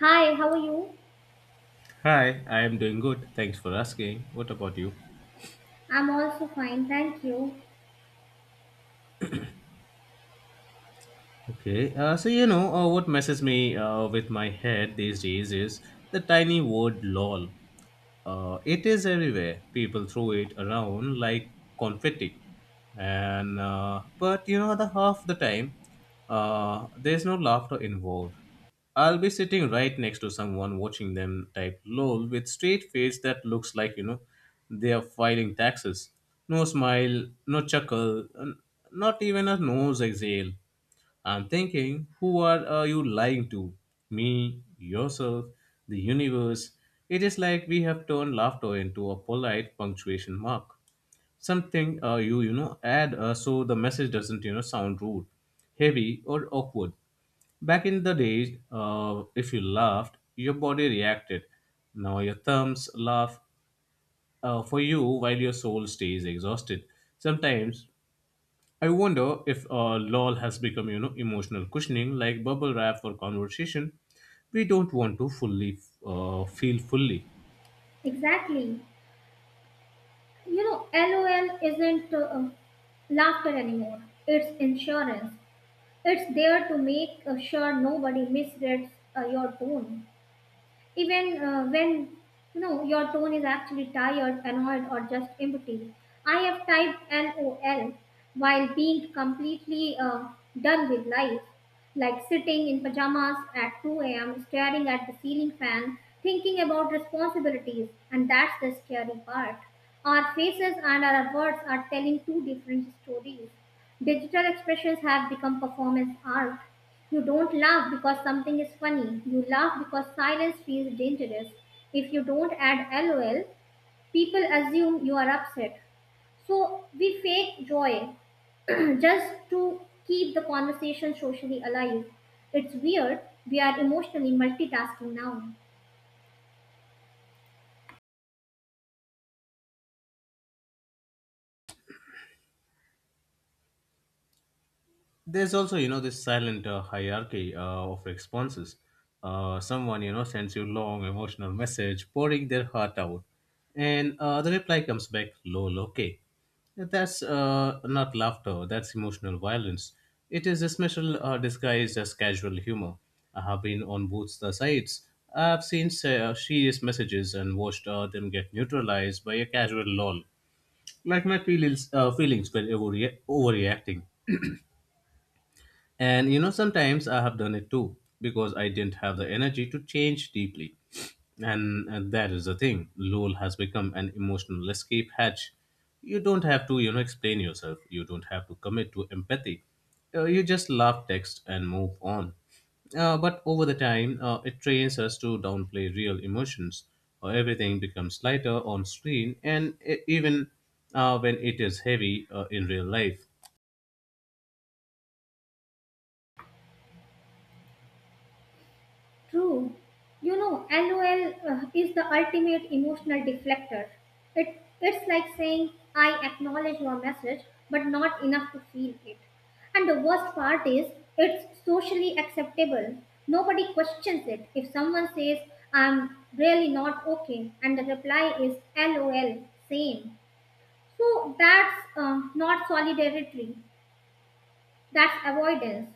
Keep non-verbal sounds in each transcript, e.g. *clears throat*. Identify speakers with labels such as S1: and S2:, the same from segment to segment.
S1: Hi, how are you?
S2: Hi, I am doing good. Thanks for asking. What about you?
S1: I'm also fine, thank you.
S2: Okay, what messes me with my head these days is the tiny word lol. It is everywhere. People throw it around like confetti, and but you know the half the time, there's no laughter involved. I'll be sitting right next to someone watching them type lol with straight face that looks like they are filing taxes. No smile, no chuckle, not even a nose exhale. I'm thinking, are you lying to? Me, yourself, the universe. It is like we have turned laughter into a polite punctuation mark. Something add so the message doesn't sound rude, heavy, or awkward. Back in the days, if you laughed, your body reacted. Now your thumbs laugh for you while your soul stays exhausted. Sometimes I wonder if LOL has become, emotional cushioning like bubble wrap for conversation we don't want to fully feel fully.
S1: Exactly. You know, LOL isn't laughter anymore, it's insurance. It's there to make sure nobody misreads your tone. Even when you know your tone is actually tired, annoyed, or just empty. I have typed LOL while being completely done with life, like sitting in pajamas at 2 a.m., staring at the ceiling fan, thinking about responsibilities, and that's the scary part. Our faces and our words are telling two different stories. Digital expressions have become performance art. You don't laugh because something is funny. You laugh because silence feels dangerous. If you don't add lol, people assume you are upset. So we fake joy *clears throat* just to keep the conversation socially alive. It's weird. We are emotionally multitasking now.
S2: There's also, this silent hierarchy of responses. Someone sends you long emotional message, pouring their heart out, and the reply comes back, "Lol, okay." That's not laughter. That's emotional violence. It is a special disguised as casual humor. I have been on both the sides. I've seen serious messages and watched them get neutralized by a casual lol, like my feelings were overreacting. And you know, sometimes I have done it too because I didn't have the energy to change deeply. And that is the thing. LOL has become an emotional escape hatch. You don't have to, explain yourself. You don't have to commit to empathy. You just laugh, text, and move on. But over the time, it trains us to downplay real emotions. Everything becomes lighter on screen, and even when it is heavy in real life.
S1: True. You know, LOL is the ultimate emotional deflector. It's like saying I acknowledge your message but not enough to feel it. And the worst part is it's socially acceptable. Nobody questions it. If someone says I'm really not okay and the reply is LOL same. So that's not solidarity. That's avoidance.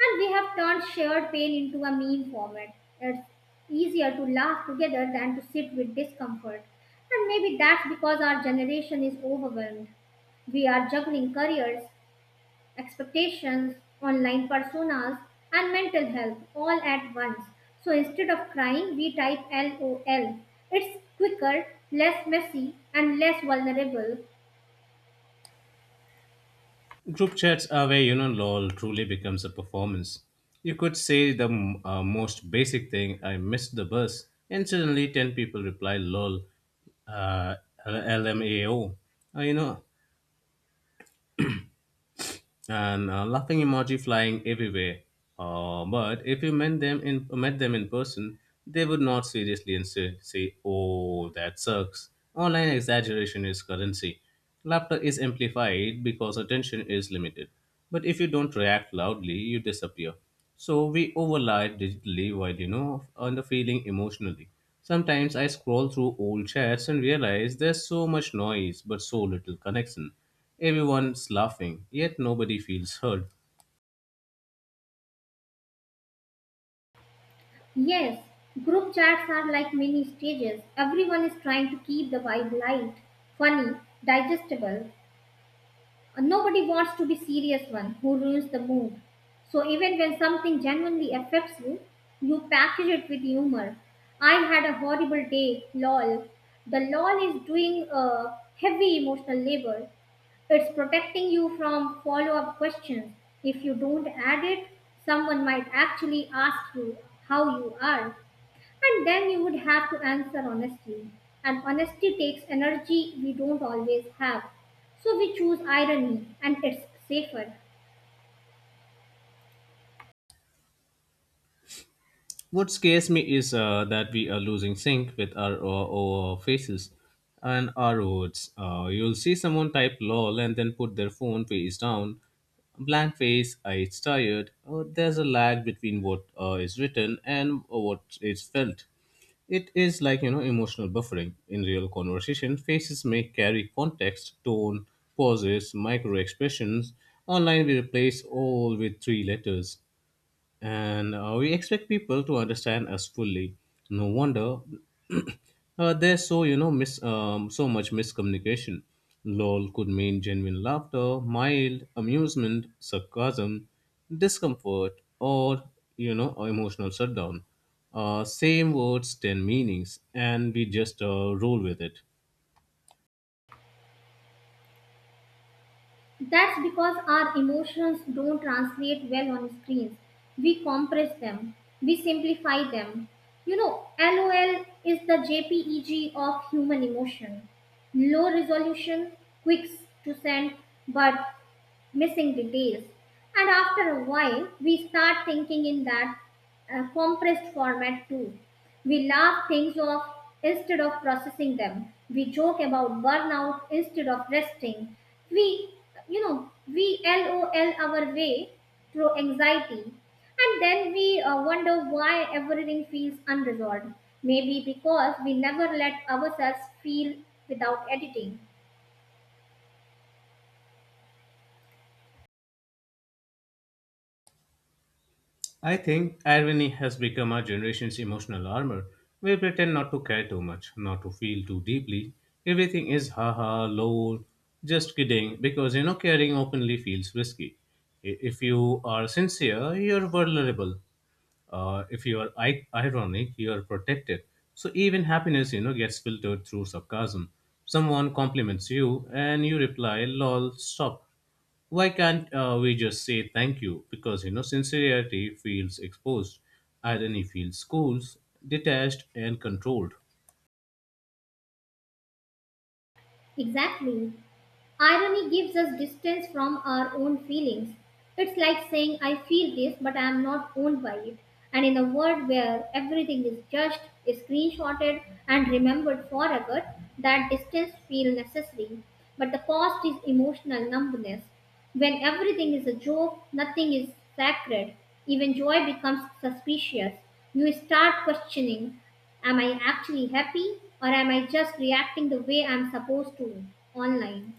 S1: And we have turned shared pain into a meme format. It's easier to laugh together than to sit with discomfort. And maybe that's because our generation is overwhelmed. We are juggling careers, expectations, online personas, and mental health all at once. So instead of crying, we type LOL. It's quicker, less messy, and less vulnerable.
S2: Group chats are where you know LOL truly becomes a performance. You could say the most basic thing, I missed the bus, and suddenly 10 people reply LOL, uh, LMAO. Uh, you know, and laughing emoji flying everywhere. But if you met them in person, they would not seriously insist, say, "Oh, that sucks." Online exaggeration is currency. Laughter is amplified because attention is limited. But if you don't react loudly, you disappear. So we overlap digitally while you know on the feeling emotionally. Sometimes I scroll through old chats and realize there's so much noise but so little connection. Everyone's laughing, yet nobody feels heard.
S1: Yes, group chats are like mini stages. Everyone is trying to keep the vibe light, funny, digestible. And nobody wants to be serious one who ruins the mood. So even when something genuinely affects you, you package it with humor. I had a horrible day, lol. The lol is doing a heavy emotional labor. It's protecting you from follow-up questions. If you don't add it, someone might actually ask you how you are. And then you would have to answer honestly. And honesty takes energy we don't always have. So we choose irony and it's safer.
S2: What scares me is that we are losing sync with our faces and our words. You'll see someone type lol and then put their phone face down, blank face, I it's tired. There's a lag between what is written and what is felt. It is like you know emotional buffering in real conversation. Faces may carry context, tone, pauses, micro expressions. Online, we replace all with three letters and we expect people to understand us fully. No wonder *clears throat* there's so you know so much miscommunication. Lol could mean genuine laughter, mild amusement, sarcasm, discomfort, or you know emotional shutdown. Same words, ten meanings, and we just roll with it.
S1: That's because our emotions don't translate well on screens. We compress them, we simplify them. You know, LOL is the JPEG of human emotion. Low resolution, quick to send, but missing details. And after a while, we start thinking in that compressed format too. We laugh things off instead of processing them. We joke about burnout instead of resting. We, you know, we LOL our way through anxiety. And then we wonder why everything feels unresolved. Maybe because we never let ourselves feel without editing.
S2: I think irony has become our generation's emotional armor. We pretend not to care too much, not to feel too deeply. Everything is haha, lol, just kidding, because you know caring openly feels risky. If you are sincere, you're vulnerable. If you are ironic, you are protected. So even happiness, gets filtered through sarcasm. Someone compliments you, and you reply, "lol, stop." Why can't we just say thank you because you know sincerity feels exposed, irony feels schools, detached and controlled.
S1: Exactly. Irony gives us distance from our own feelings. It's like saying, I feel this, but I am not owned by it. And in a world where everything is judged, is screenshotted, and remembered forever, that distance feels necessary. But the cost is emotional numbness. When everything is a joke, nothing is sacred. Even joy becomes suspicious. You start questioning, am I actually happy, or am I just reacting the way I'm supposed to online?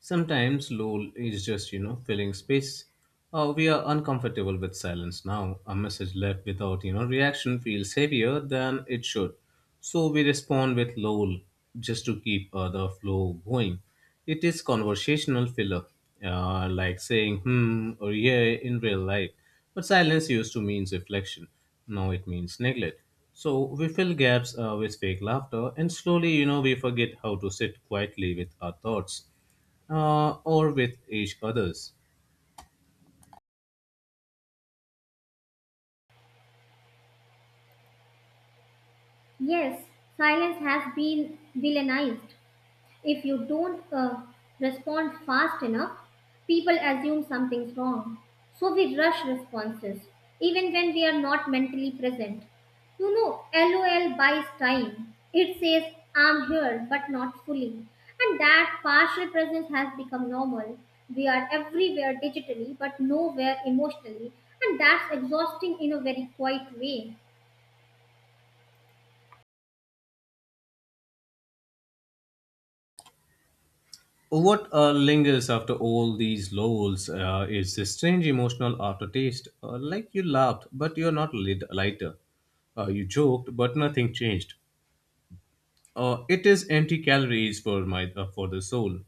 S2: Sometimes lull is just, filling space. We are uncomfortable with silence now. A message left without, reaction feels heavier than it should. So we respond with lull just to keep the flow going. It is conversational filler, like saying hmm or yeah in real life. But silence used to means reflection. Now it means neglect. So we fill gaps with fake laughter and slowly, we forget how to sit quietly with our thoughts or with each others.
S1: Yes, silence has been villainized. If you don't respond fast enough, people assume something's wrong. So we rush responses, even when we are not mentally present. You know, LOL buys time. It says, I'm here, but not fully. And that partial presence has become normal. We are everywhere digitally, but nowhere emotionally. And that's exhausting in a very quiet way.
S2: What lingers after all these lulls is this strange emotional aftertaste, like you laughed but you're not lighter. You joked but nothing changed. It is empty calories for my for the soul.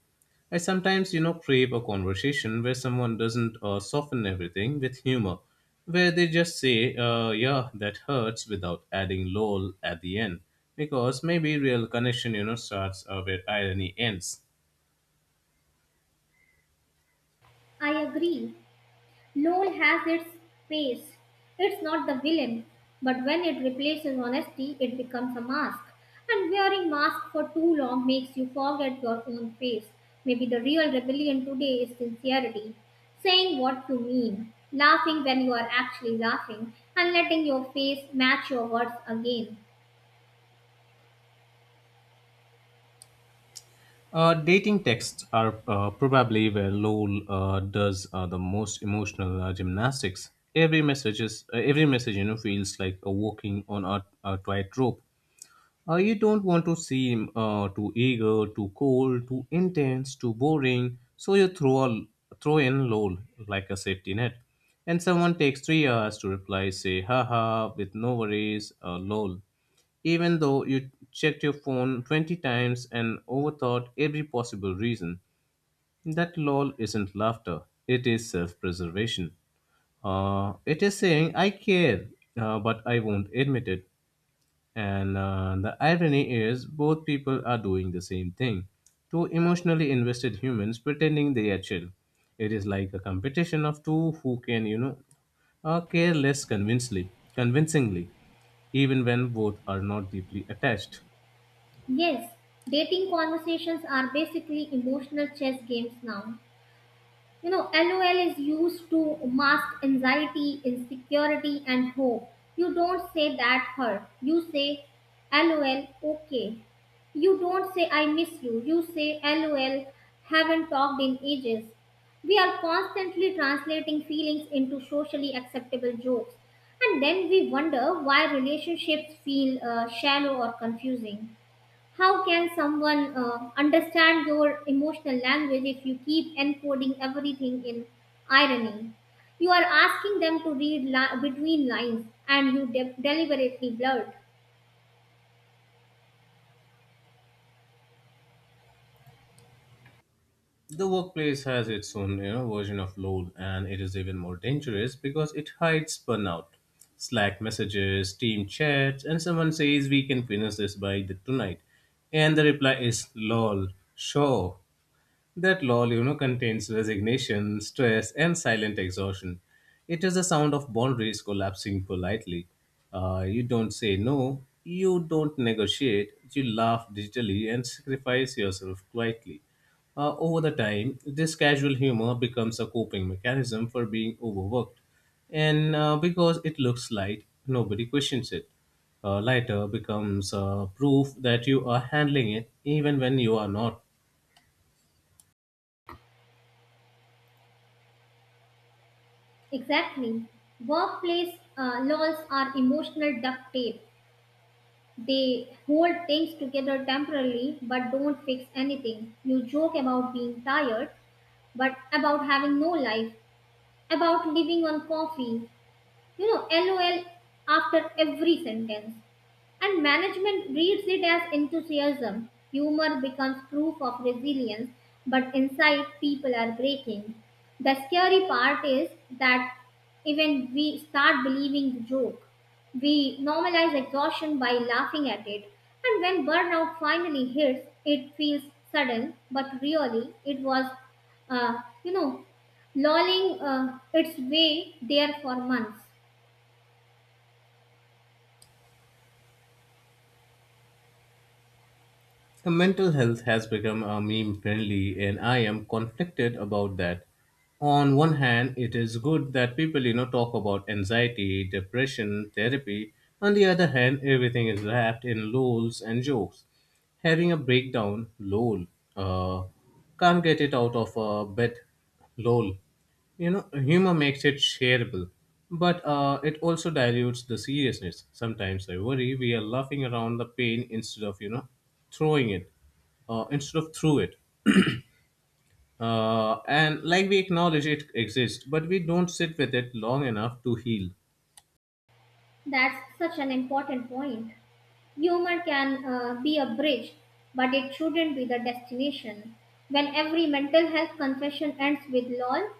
S2: I sometimes, crave a conversation where someone doesn't soften everything with humor, where they just say, "Yeah, that hurts," without adding "lol" at the end, because maybe real connection, starts where irony ends.
S1: I agree. LOL has its face. It's not the villain, but when it replaces honesty, it becomes a mask. And wearing masks for too long makes you forget your own face. Maybe the real rebellion today is sincerity, saying what you mean, laughing when you are actually laughing, and letting your face match your words again.
S2: Dating texts are probably where LOL does the most emotional gymnastics. Every message you know feels like a walking on a tightrope. You don't want to seem too eager, too cold, too intense, too boring. So you throw in lol like a safety net, and someone takes 3 hours to reply. Say haha with no worries, lol. Even though you checked your phone 20 times and overthought every possible reason, that lol isn't laughter. It is self-preservation. It is saying I care, but I won't admit it. And the irony is, both people are doing the same thing. Two emotionally invested humans pretending they are chill. It is like a competition of two who can, care less convincingly, even when both are not deeply attached.
S1: Yes, dating conversations are basically emotional chess games now. You know, LOL is used to mask anxiety, insecurity, and hope. You don't say that hurt. You say LOL, okay. You don't say I miss you. You say LOL, haven't talked in ages. We are constantly translating feelings into socially acceptable jokes. And then we wonder why relationships feel shallow or confusing. How can someone understand your emotional language if you keep encoding everything in irony? You are asking them to read between lines and you deliberately blurt.
S2: The workplace has its own you know, version of load, and it is even more dangerous because it hides burnout. Slack messages, team chats, and someone says we can finish this by the tonight. And the reply is lol, sure. That lull, contains resignation, stress, and silent exhaustion. It is the sound of boundaries collapsing politely. You don't say no, you don't negotiate, you laugh digitally and sacrifice yourself quietly. Over the time, this casual humor becomes a coping mechanism for being overworked. And because it looks light, nobody questions it. Lighter becomes proof that you are handling it even when you are not.
S1: Exactly. Workplace laws are emotional duct tape. They hold things together temporarily but don't fix anything. You joke about being tired, but about having no life, about living on coffee, you know lol after every sentence, and management reads it as enthusiasm. Humor becomes proof of resilience, but inside people are breaking. The scary part is that even we start believing the joke. We normalize exhaustion by laughing at it, and when burnout finally hits it feels sudden, but really it was, you know, lolling its way there for months.
S2: Mental health has become a meme friendly, and I am conflicted about that. On one hand, it is good that people, talk about anxiety, depression, therapy. On the other hand, everything is wrapped in lols and jokes. Having a breakdown, lol. Uh, can't get it out of a bed, lol. You know, humor makes it shareable, but it also dilutes the seriousness. Sometimes I worry we are laughing around the pain instead of, throwing it, instead of through it. And like we acknowledge it exists, but we don't sit with it long enough to heal.
S1: That's such an important point. Humor can be a bridge, but it shouldn't be the destination. When every mental health confession ends with lol,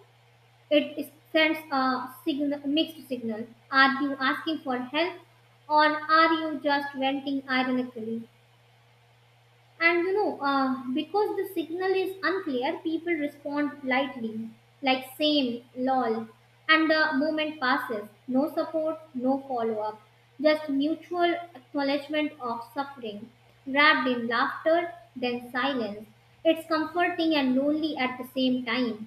S1: it sends a signal, mixed signal. Are you asking for help or are you just venting ironically? And you know, because the signal is unclear, people respond lightly, like same, lol. And the moment passes. No support, no follow up. Just mutual acknowledgement of suffering, wrapped in laughter, then silence. It's comforting and lonely at the same time.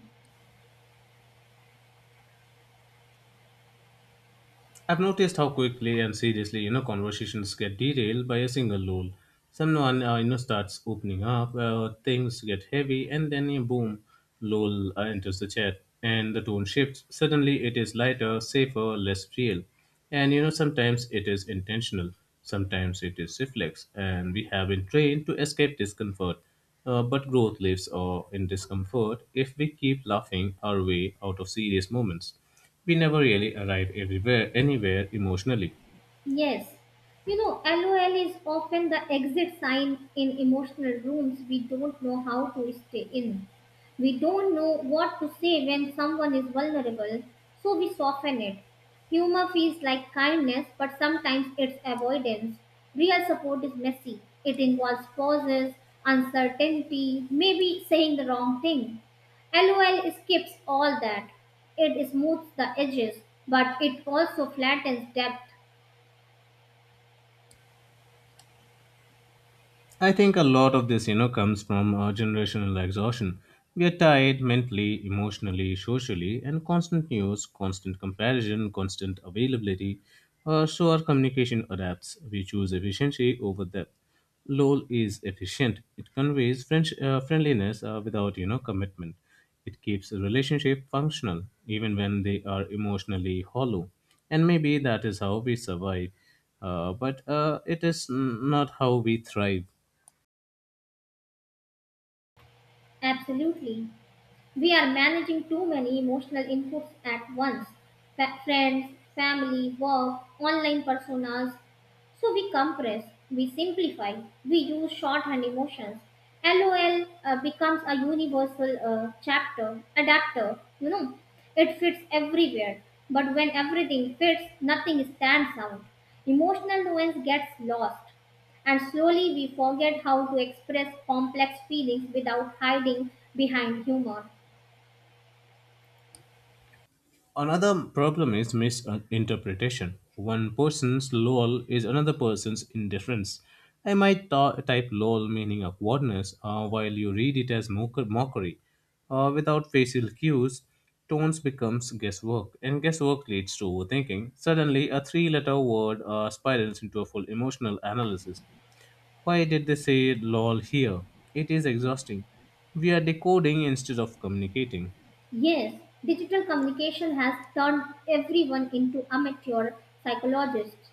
S2: I've noticed how quickly and seriously you know conversations get derailed by a single lol. Someone starts opening up, things get heavy, and then you boom, lol enters the chat, and the tone shifts. Suddenly, it is lighter, safer, less real, and you know sometimes it is intentional, sometimes it is reflex, and we have been trained to escape discomfort. But growth lives in discomfort if we keep laughing our way out of serious moments. We never really arrive everywhere anywhere emotionally.
S1: Yes, you know, LOL is often the exit sign in emotional rooms we don't know how to stay in. We don't know what to say when someone is vulnerable, so we soften it. Humor feels like kindness, but sometimes it's avoidance. Real support is messy, it involves pauses, uncertainty, maybe saying the wrong thing. LOL skips all that. It smooths the edges, but it also flattens depth.
S2: I think a lot of this, comes from generational exhaustion. We are tired mentally, emotionally, socially, and constant news, constant comparison, constant availability. So our communication adapts. We choose efficiency over depth. LOL is efficient. It conveys friendliness without, commitment. It keeps a relationship functional, even when they are emotionally hollow. And maybe that is how we survive. But it is not how we thrive.
S1: Absolutely, we are managing too many emotional inputs at once. Friends, family, work, online personas. So we compress, we simplify, we use shorthand emotions. LOL becomes a universal chapter, adapter, you know, it fits everywhere. But when everything fits, nothing stands out. Emotional nuance gets lost, and slowly we forget how to express complex feelings without hiding behind humor.
S2: Another problem is misinterpretation. One person's lol is another person's indifference. I might type lol meaning awkwardness while you read it as mockery. Without facial cues, tones becomes guesswork, and guesswork leads to overthinking. Suddenly, a three-letter word spirals into a full emotional analysis. Why did they say lol here? It is exhausting. We are decoding instead of communicating.
S1: Yes, digital communication has turned everyone into amateur psychologists.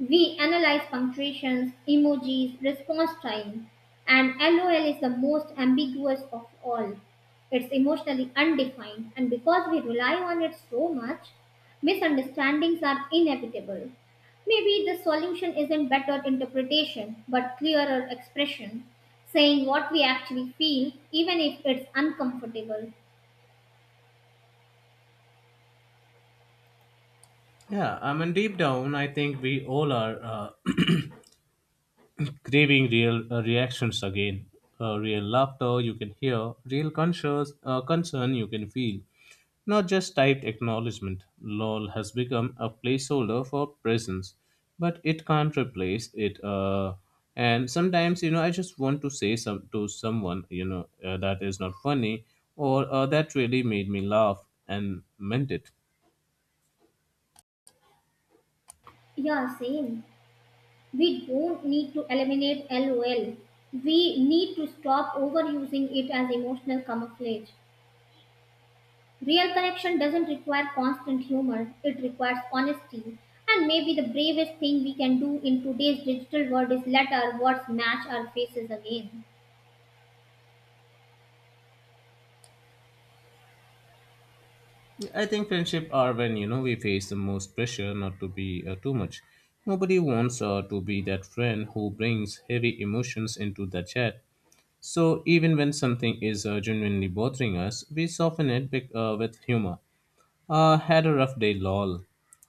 S1: We analyze punctuations, emojis, response time, and LOL is the most ambiguous of all. It's emotionally undefined, and because we rely on it so much, misunderstandings are inevitable. Maybe the solution isn't better interpretation, but clearer expression, saying what we actually feel, even if it's uncomfortable.
S2: Yeah, I mean, deep down, I think we all are uh, *clears throat* craving real reactions again. Real laughter you can hear, real concern you can feel. Not just typed acknowledgement. LOL has become a placeholder for presence, but it can't replace it. And sometimes, I just want to say someone, that is not funny or that really made me laugh and meant it.
S1: Yeah, same. We don't need to eliminate LOL. We need to stop overusing it as emotional camouflage. Real connection doesn't require constant humor, it requires honesty. And maybe the bravest thing we can do in today's digital world is let our words match our faces again.
S2: I think friendship are when you know we face the most pressure not to be too much. Nobody wants to be that friend who brings heavy emotions into the chat. So even when something is genuinely bothering us, we soften it with humor. Had a rough day, lol.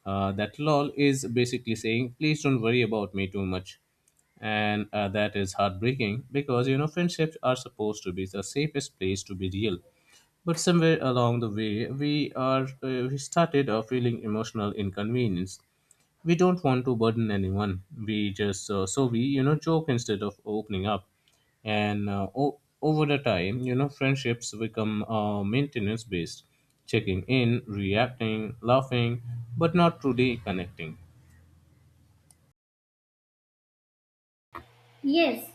S2: That lol is basically saying, please don't worry about me too much. And that is heartbreaking because you know friendships are supposed to be the safest place to be real. But somewhere along the way, we started feeling emotional inconvenience. We don't want to burden anyone. We just so we you know joke instead of opening up, and over the time, you know, friendships become maintenance based, checking in, reacting, laughing, but not truly connecting.
S1: Yes,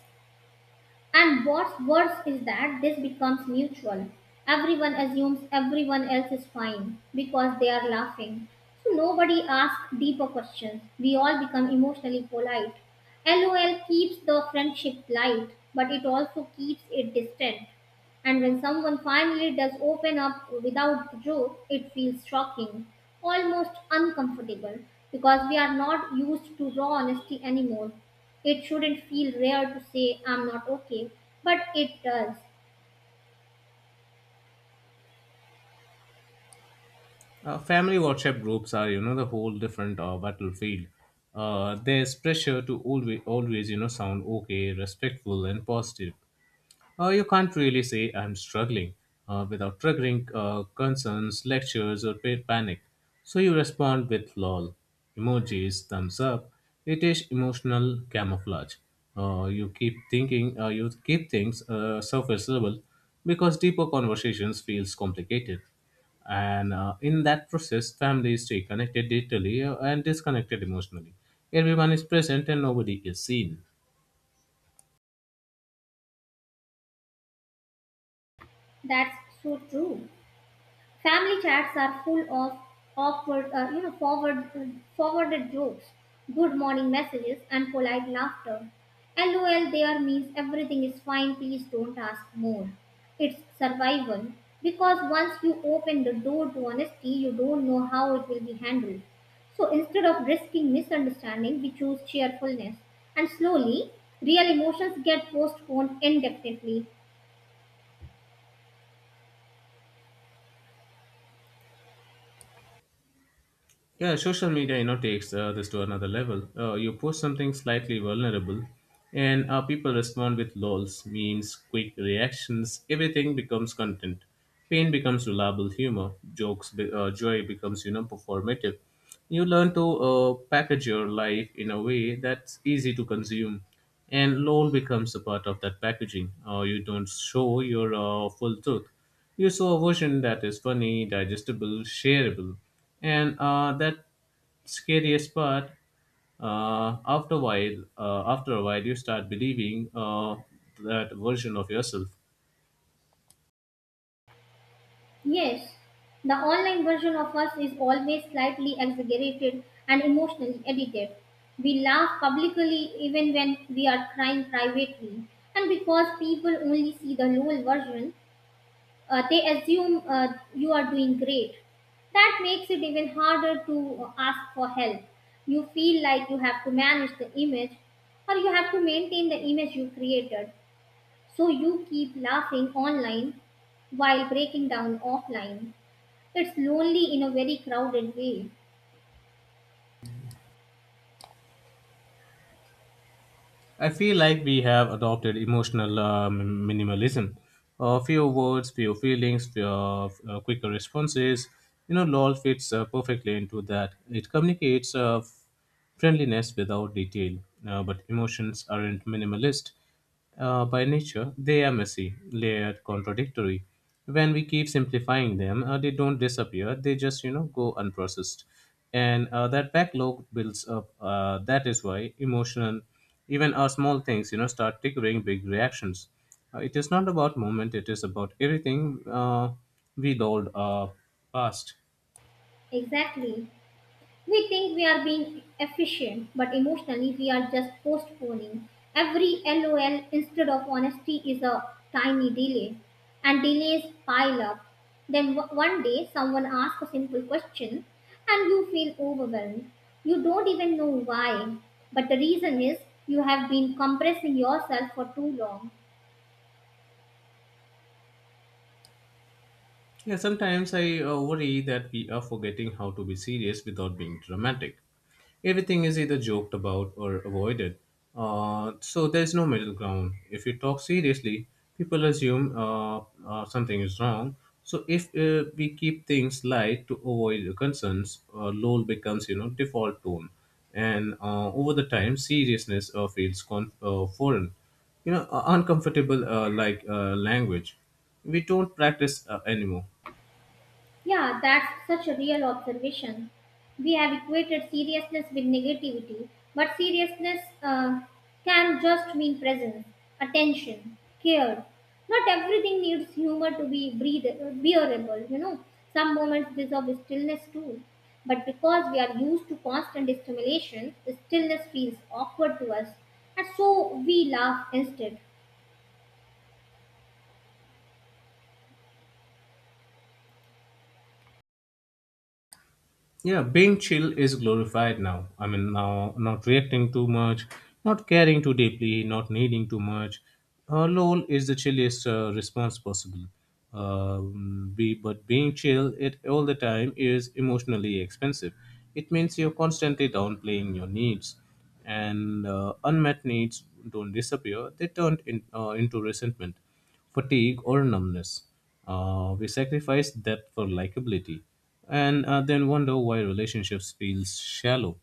S1: and what's worse is that this becomes mutual. Everyone assumes everyone else is fine because they are laughing. So nobody asks deeper questions. We all become emotionally polite. LOL keeps the friendship light, but it also keeps it distant. And when someone finally does open up without the joke, it feels shocking, almost uncomfortable, because we are not used to raw honesty anymore. It shouldn't feel rare to say I'm not okay, but it does.
S2: Family WhatsApp groups are, you know, the whole different battlefield. There's pressure to always, always, you know, sound okay, respectful, and positive. You can't really say I'm struggling without triggering concerns, lectures, or panic. So you respond with lol, emojis, thumbs up. It is emotional camouflage. You keep thinking, you keep things surface level because deeper conversations feels complicated. And in that process, families stay connected digitally and disconnected emotionally. Everyone is present and nobody is seen.
S1: That's so true. Family chats are full of awkward, you know, forwarded jokes, good morning messages, and polite laughter. LOL there means everything is fine, please don't ask more. It's survival, because once you open the door to honesty, you don't know how it will be handled. So instead of risking misunderstanding, we choose cheerfulness. And slowly, real emotions get postponed indefinitely.
S2: Yeah, social media, you know, takes this to another level. You post something slightly vulnerable, and people respond with lols, memes, quick reactions. Everything becomes content. Pain becomes reliable humor. Jokes, joy becomes, you know, performative. You learn to package your life in a way that's easy to consume, and lol becomes a part of that packaging. You don't show your full truth. You saw a version that is funny, digestible, shareable, and that scariest part. After a while, you start believing that version of yourself.
S1: Yes, the online version of us is always slightly exaggerated and emotionally edited. We laugh publicly even when we are crying privately. And because people only see the low version, they assume you are doing great. That makes it even harder to ask for help. You feel like you have to manage the image, or you have to maintain the image you created. So you keep laughing online while breaking down offline. It's lonely in a very crowded way.
S2: I feel like we have adopted emotional minimalism. Fewer words, few feelings, few quicker responses. You know, LOL fits perfectly into that. It communicates friendliness without detail, but emotions aren't minimalist. By nature, they are messy, layered, contradictory. When we keep simplifying them, they don't disappear. They just, you know, go unprocessed, and that backlog builds up. That is why emotional, even our small things, you know, start triggering big reactions. It is not about moment. It is about everything we dolled past.
S1: Exactly. We think we are being efficient, but emotionally we are just postponing. Every LOL instead of honesty is a tiny delay, and delays pile up. Then one day someone asks a simple question and you feel overwhelmed. You don't even know why, but the reason is you have been compressing yourself for too long.
S2: Yeah, sometimes I worry that we are forgetting how to be serious without being dramatic. Everything is either joked about or avoided, so there's no middle ground. If you talk seriously, people assume something is wrong. So if we keep things light to avoid the concerns, lol becomes you know default tone, and over the time, seriousness feels foreign, you know, uncomfortable like language. We don't practice anymore.
S1: Yeah, that's such a real observation. We have equated seriousness with negativity, but seriousness can just mean presence, attention, care. Not everything needs humor to be bearable, you know. Some moments deserve stillness too. But because we are used to constant stimulation, stillness feels awkward to us, and so we laugh instead.
S2: Yeah, being chill is glorified now. I mean, now not reacting too much, not caring too deeply, not needing too much. LOL is the chilliest response possible. But being chill it all the time is emotionally expensive. It means you're constantly downplaying your needs, and unmet needs don't disappear; they turn into resentment fatigue, or numbness. We sacrifice depth for likability and then wonder why relationships feel shallow.